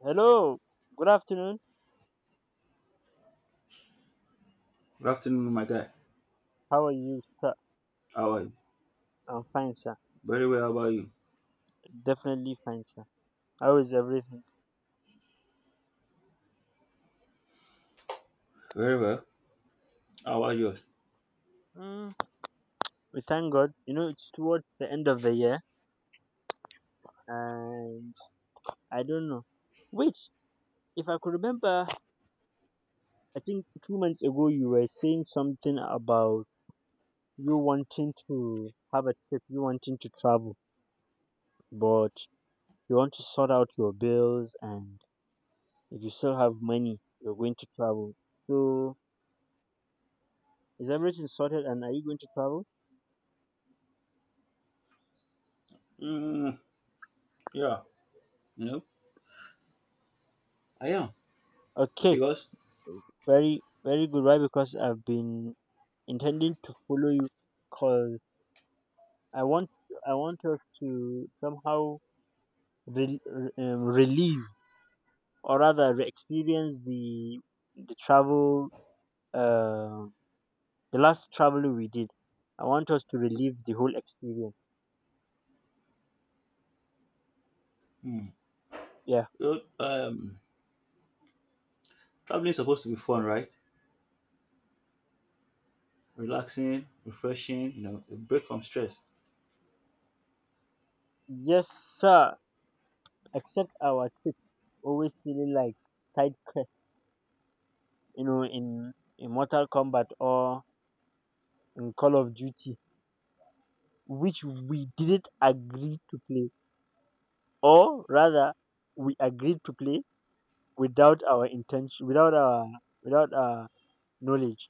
Hello, good afternoon. Good afternoon, my guy. How are you, sir? How are you? I'm fine, sir. Very well. How about you? Definitely fine, sir. How is everything? Very well. How are yours? Mm, we thank God. You know, it's towards the end of the year, and I don't know. Which, if I could remember, I think 2 months ago you were saying something about you wanting to have a trip, you wanting to travel, but you want to sort out your bills, and if you still have money, you're going to travel. So, is everything sorted, and are you going to travel? Mm, yeah. You know, I am Okay. because Very, very good. Why? Because I've been intending to follow you because I want, I want us to somehow relieve or rather re-experience the travel, uh, the last travel we did. I want us to relive the whole experience. mm, Yeah. you know, Traveling is supposed to be fun, right? Relaxing, refreshing. You know, a break from stress. Yes, sir. Except our trip always feeling like side quests, you know, in in Mortal Kombat or in Call of Duty, which we didn't agree to play, or rather, we agreed to play without our intention, without our knowledge.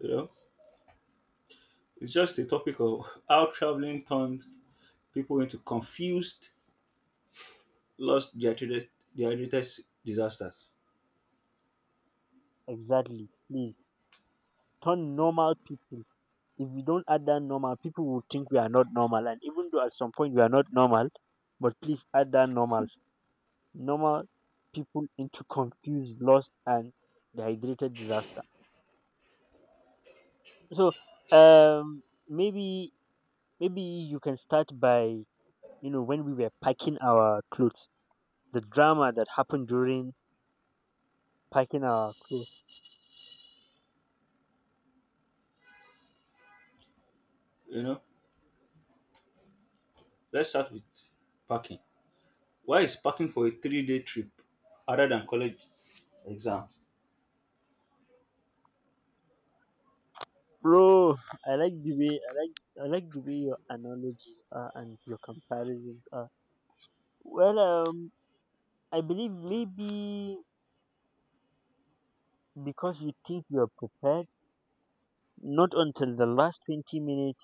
You know, it's just a topic of how traveling turns people into confused, lost, dehydrated disasters. Exactly. Please turn normal people. If we don't add that normal, people will think we are not normal. And even though at some point we are not normal, but please add that normal people into confused, lost, and dehydrated disaster. So, um, maybe maybe you can start by, when we were packing our clothes, the drama that happened during packing our clothes. You know, let's start with parking. Why is parking for a three-day trip other than college exams? Bro, I like the way your analogies are and your comparisons are. Well, I believe maybe because you think you are prepared, not until the last 20 minutes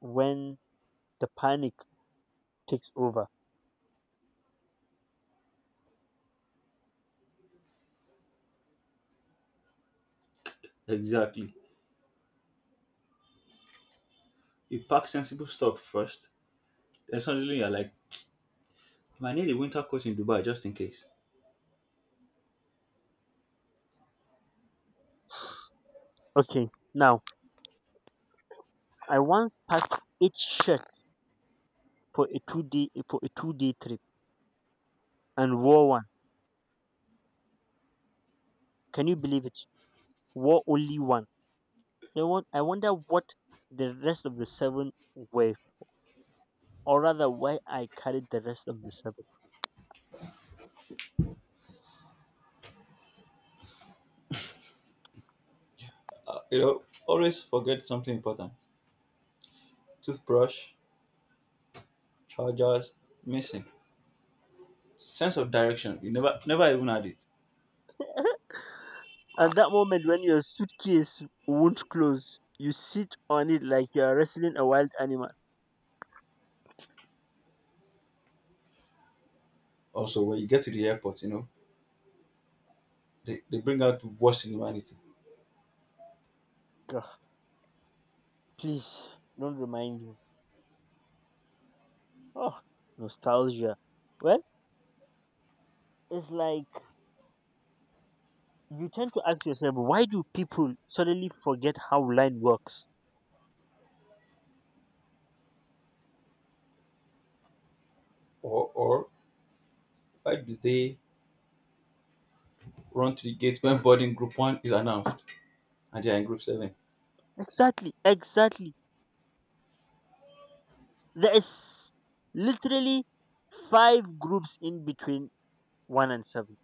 when the panic takes over. Exactly. You pack sensible stuff first, then suddenly you're like, "I need a winter coat in Dubai just in case." Okay, now I once packed eight shirts for a 2 day trip and wore one. Can you believe it? Wore only one. You know what? I wonder what the rest of the seven were, or rather, why I carried the rest of the seven. You know, always forget something important: toothbrush, chargers, missing sense of direction. You never, never even had it. At that moment, when your suitcase won't close, you sit on it like you are wrestling a wild animal. Also, when you get to the airport, you know they bring out the worst in humanity. Ugh, please don't remind me. Oh, nostalgia. Well, it's like you tend to ask yourself, why do people suddenly forget how line works? Or why do they run to the gate when boarding group one is announced and they are in group seven? Exactly, exactly. There is literally five groups in between one and seven.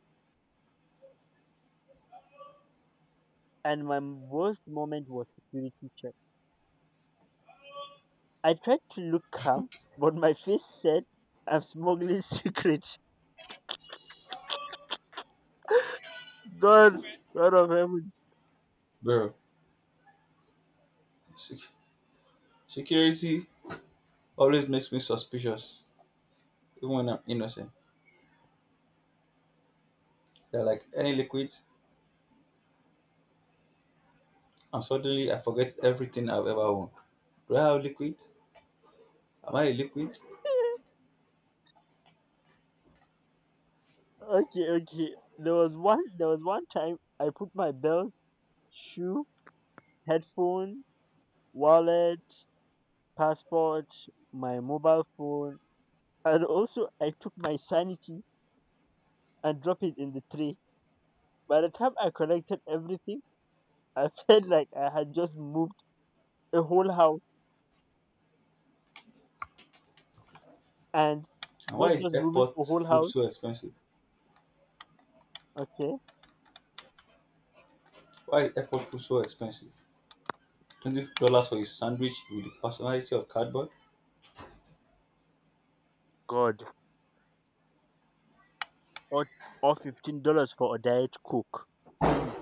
And my worst moment was security check. I tried to look calm, but my face said, I'm smuggling secret. God, God of heavens. Bro, sec- security always makes me suspicious, even when I'm innocent. They're like, any liquids. And suddenly I forget everything I've ever owned. Do I have liquid? Am I a liquid? Okay, okay. There was one time I put my belt, shoe, headphone, wallet, passport, my mobile phone, and also I took my sanity and dropped it in the tray. By the time I collected everything, I felt like I had just moved a whole house. And And why not is just moving a airport whole food house, so expensive? okay? Why is airport food so expensive? $20 for a sandwich with the personality of cardboard? God, or or $15 for a diet coke. Please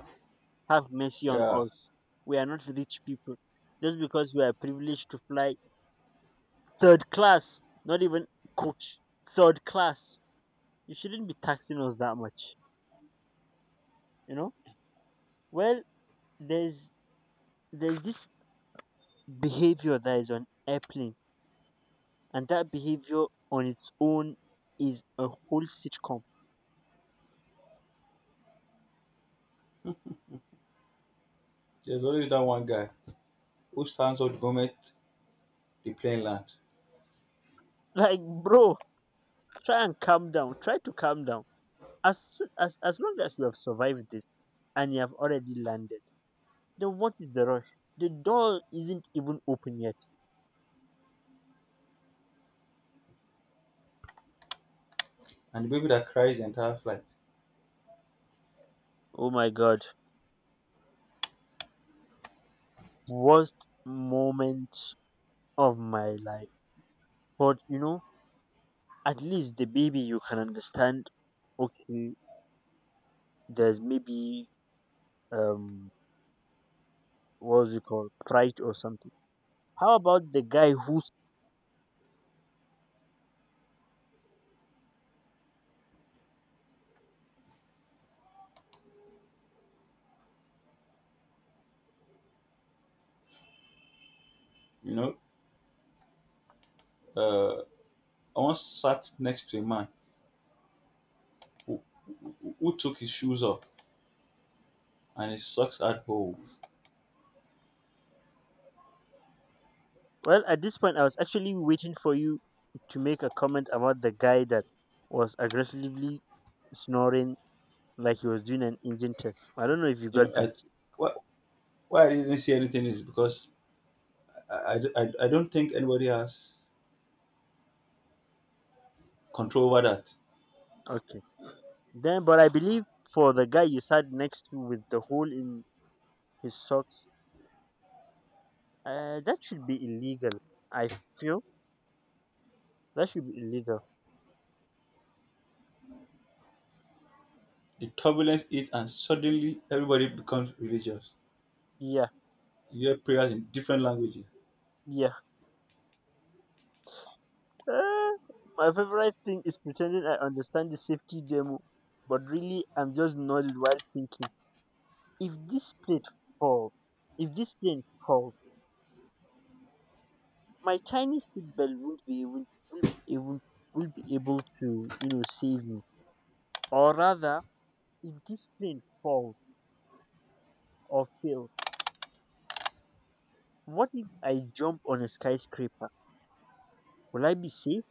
have mercy on Yeah, us. We are not rich people. Just because we are privileged to fly third class, not even coach, third class. You shouldn't be taxing us that much. You know? Well, there's there's this behavior that is on airplane, and that behavior on its own is a whole sitcom. there's always that one guy who stands up the moment the plane lands, Like, bro, try and calm down. Try to calm down. As long as you have survived this and you have already landed, then what is the rush? The door isn't even open yet. and the baby that cries the entire flight. Oh my god. Worst moment of my life. But you know, at least the baby you can understand, okay, there's maybe um what's it called? Pride or something. How about the guy who's You know, uh, I once sat next to a man who, who took his shoes off and his socks had holes. well, at this point I was actually waiting for you to make a comment about the guy that was aggressively snoring like he was doing an engine test. I don't know if you You got know, that. I, why, why I didn't see anything is because I don't think anybody has control over that. Okay. Then, but I believe for the guy you sat next to with the hole in his socks, that should be illegal. I feel that should be illegal. The turbulence hit, and suddenly everybody becomes religious. Yeah, You hear prayers in different languages. yeah. Uh, my favorite thing is pretending I understand the safety demo, but really I'm just nodded while thinking. If this plate falls, if this plane falls, my tiny seatbelt won't be able, will be able, will be able to, save me. Or rather, if this plane falls or fails, what if I jump on a skyscraper? Will I be safe?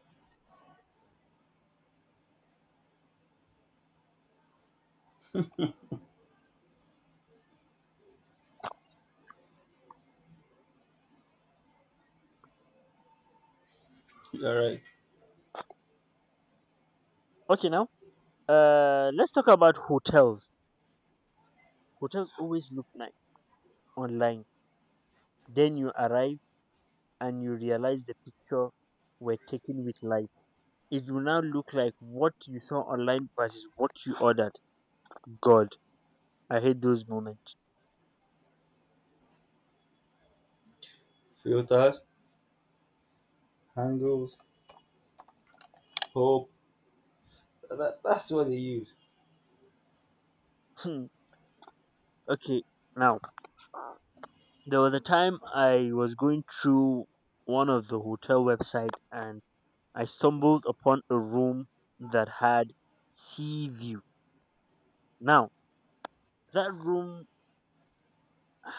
You are right. Okay, now let's talk about hotels. Hotels always look nice online. Then you arrive and you realize the picture were taken with light. It will now look like what you saw online versus what you ordered. God, I hate those moments. Filters, angles, hope. That's what they use. Hmm. Okay, now there was a time I was going through one of the hotel website and I stumbled upon a room that had sea view. Now, that room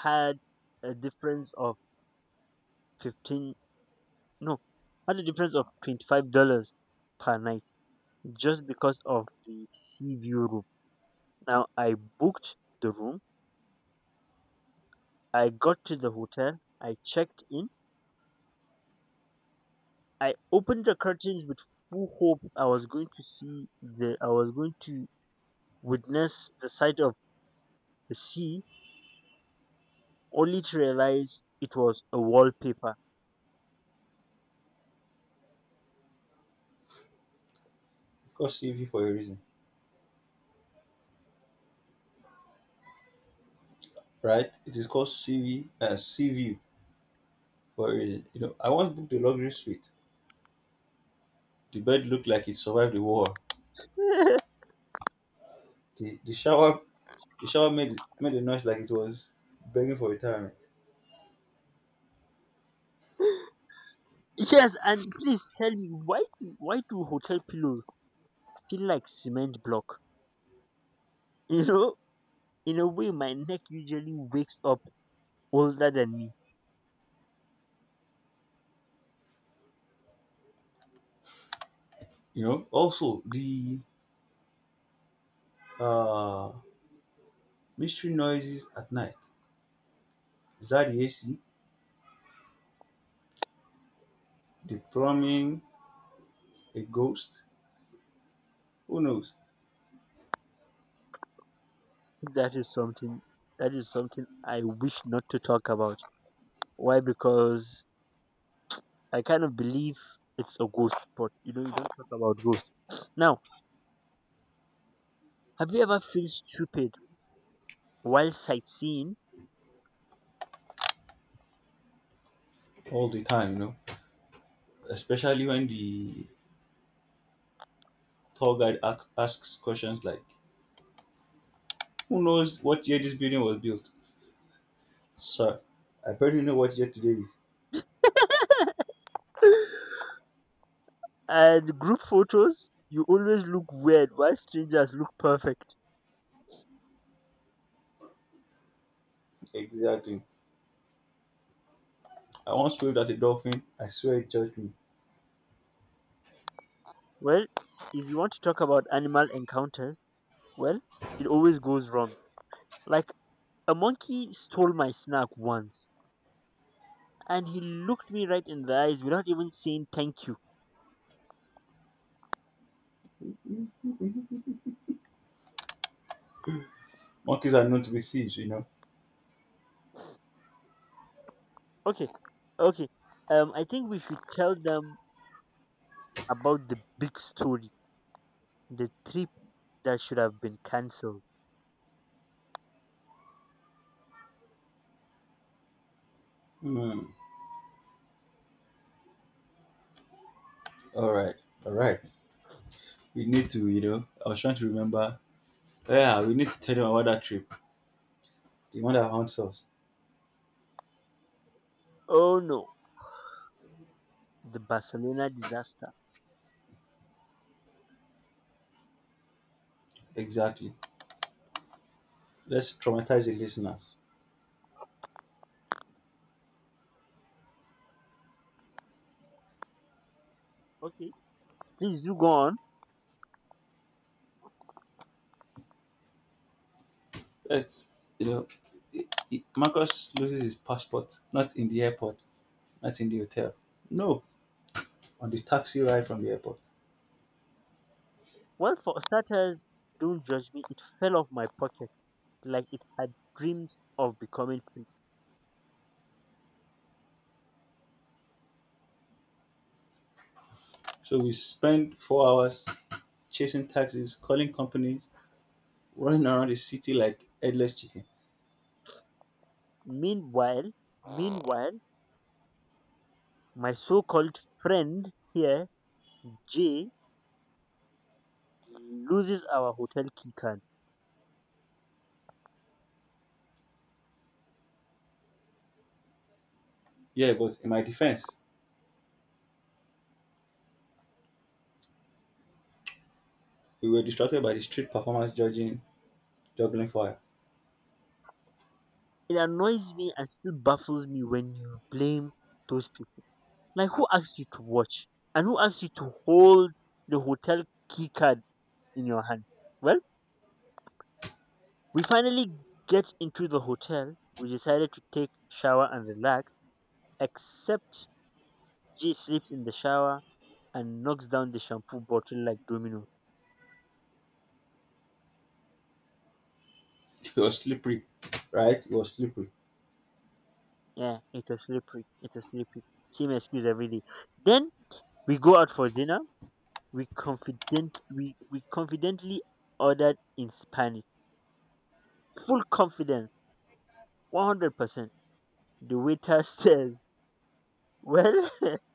had a difference of 15, no, had a difference of $25 per night just because of the sea view room. Now, I booked the room. I got to the hotel. I checked in. I opened the curtains with full hope I was going to see the I was going to witness the sight of the sea, only to realize it was a wallpaper. It's called CV for a reason, right? It is called CV for a reason. You know, I once booked a luxury suite. The bed looked like it survived the war. The, the shower the shower made a noise like it was begging for retirement. Yes, and please tell me why do hotel pillows feel like cement block? You know, in a way, my neck usually wakes up older than me. You know, also the uh mystery noises at night. Is that the AC? The plumbing? A ghost? Who knows? That is something. That is something I wish not to talk about. Why? Because I kind of believe it's a ghost, but you know, you don't talk about ghosts. Now, have you ever felt stupid while sightseeing? All the time, you know. Especially when the tour guide asks questions like, "Who knows what year this building was built?" Sir, I barely know what year today is. And group photos, you always look weird while strangers look perfect. Exactly. I once waved at a dolphin. I swear it judged me. Well, if you want to talk about animal encounters, well, it always goes wrong. Like, a monkey stole my snack once and he looked me right in the eyes without even saying thank you. Monkeys are known to be thieves, you know. Okay. Okay. I think we should tell them about the big story, the trip that should have been cancelled. Hmm. All right. All right. We need to, you know. I was trying to remember. Yeah, we need to tell them about that trip. The one that haunts us. Oh no, the Barcelona disaster. Exactly. Let's traumatize the listeners. Okay. Please do go on. Let's, you know, i- Marcus loses his passport, not in the airport, not in the hotel. No, on the taxi ride from the airport. Well, for starters, don't judge me. It fell off my pocket like it had dreams of becoming. So we spend 4 hours chasing taxis, calling companies, running around the city like headless chicken. Meanwhile, meanwhile, my so-called friend here, Jay, loses our hotel key card. Yeah, but in my defense, we were distracted by the street performance judging juggling fire. It annoys me and still baffles me when you blame those people. Like, who asked you to watch? And who asked you to hold the hotel key card in your hand? Well, we finally get into the hotel. We decided to take shower and relax, except Jay sleeps in the shower and knocks down the shampoo bottle like domino. It was slippery, right? It was slippery. Yeah, it was slippery. It was slippery. Same excuse every day. Then we go out for dinner. We confidently ordered in Spanish. Full confidence. 100%. The waiter stares. Well,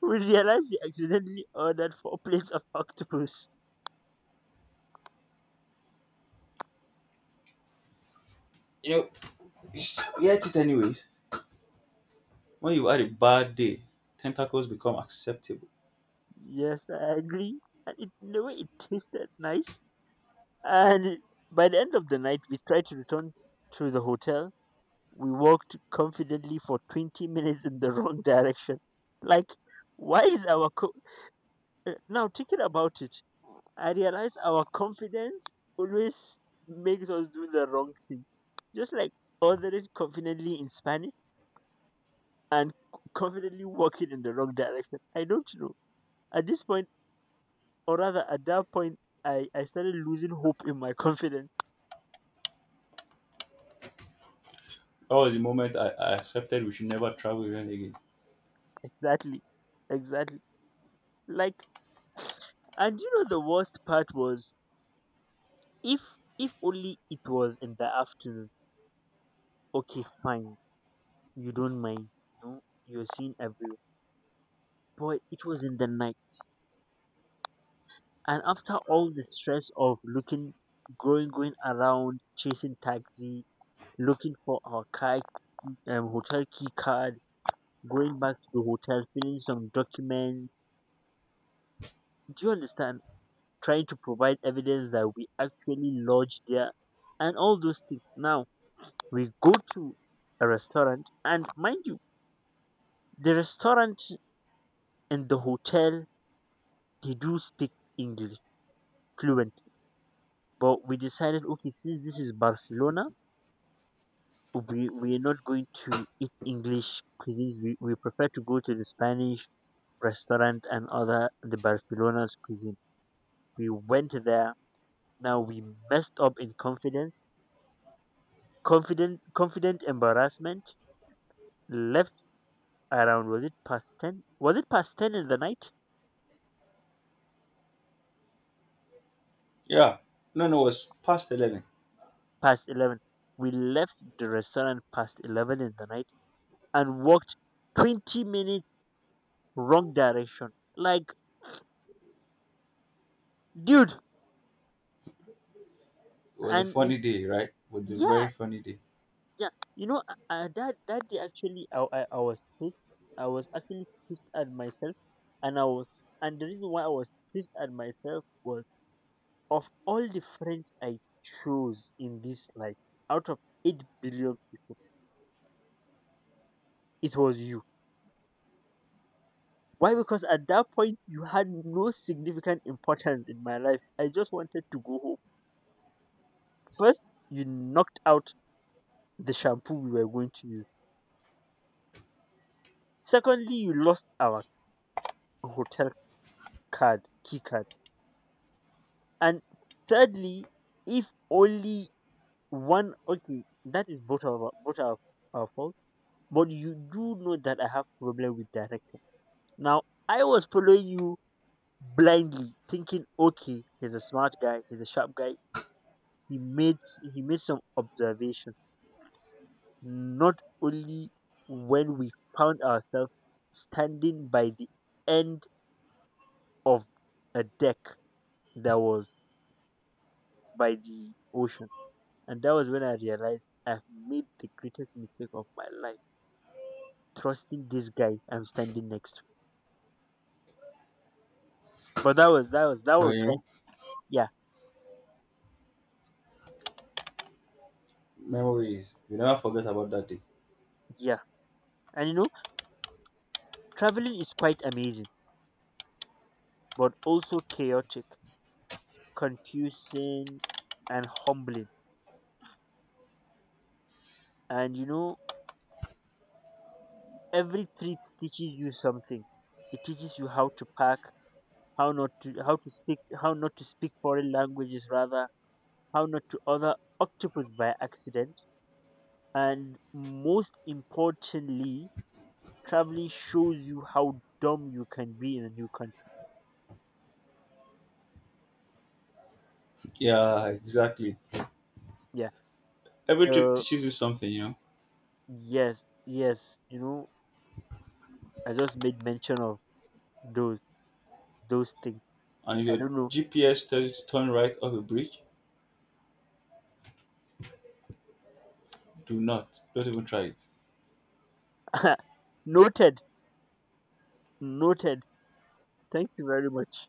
we realized we accidentally ordered four plates of octopus. You know, it's- we had it anyways. When you had a bad day, tentacles become acceptable. Yes, I agree. And it, in a way, it tasted nice. And by the end of the night we tried to return to the hotel. We walked confidently for 20 minutes in the wrong direction. Like, why is our. Co- now, thinking about it, I realize our confidence always makes us do the wrong thing. Just like ordering confidently in Spanish and confidently walking in the wrong direction. I don't know. At this point, or rather at that point, I started losing hope in my confidence. Oh, the moment I accepted we should never travel even again. Exactly. Exactly. Like, and you know, the worst part was, If if only it was in the afternoon, okay, fine, you don't mind. You know, you're seen everywhere. But it was in the night. And after all the stress of looking going going around, chasing taxi, looking for our car hotel key card, going back to the hotel, filling some documents. Do you understand? Trying to provide evidence that we actually lodged there and all those things. Now we go to a restaurant, and mind you, the restaurant and the hotel, they do speak English fluent, but we decided okay, since this is Barcelona, we're not going to eat English cuisine. We prefer to go to the Spanish restaurant and other the Barcelona's cuisine. We went there. Now we messed up in confident embarrassment. Left, around was it past 10? Was it past ten in the night? Yeah. No, no, it was past 11. It Past 11. We left the restaurant past 11 in the night and walked 20 minutes wrong direction. Like, dude, was a and funny day, right? It was a yeah, very funny day. yeah. You know, that day actually, I was pissed. I was actually pissed at myself, and and the reason why I was pissed at myself was of all the friends I chose in this life, out of 8 billion people, it was you. Why? Because at that point you had no significant importance in my life. I just wanted to go home. First, you knocked out the shampoo we were going to use. Secondly, you lost our hotel card, key card. And thirdly, if only one, okay, that is both of our both our fault. But you do know that I have problem with direction. Now I was following you blindly, thinking, okay, he's a smart guy, he's a sharp guy. He made some observation. Not only when we found ourselves standing by the end of a deck that was by the ocean. And that was when I realized I've made the greatest mistake of my life, trusting this guy I'm standing next to. But that was that was that Well, was you then. know, Yeah, memories. You never forget about that day. yeah. And you know, traveling is quite amazing, but also chaotic, confusing, and humbling. And you know, every trip teaches you something. It teaches you how to pack, how not to how to speak how not to speak foreign languages, rather how not to other octopus by accident. And most importantly, traveling shows you how dumb you can be in a new country. Yeah, exactly. Yeah. Every trip So teaches you something, you know. yes, yes, you know, I just made mention of those those things. And if I your don't know. GPS tells you to turn right off a bridge, do not. Don't even try it. Noted, noted. Thank you very much.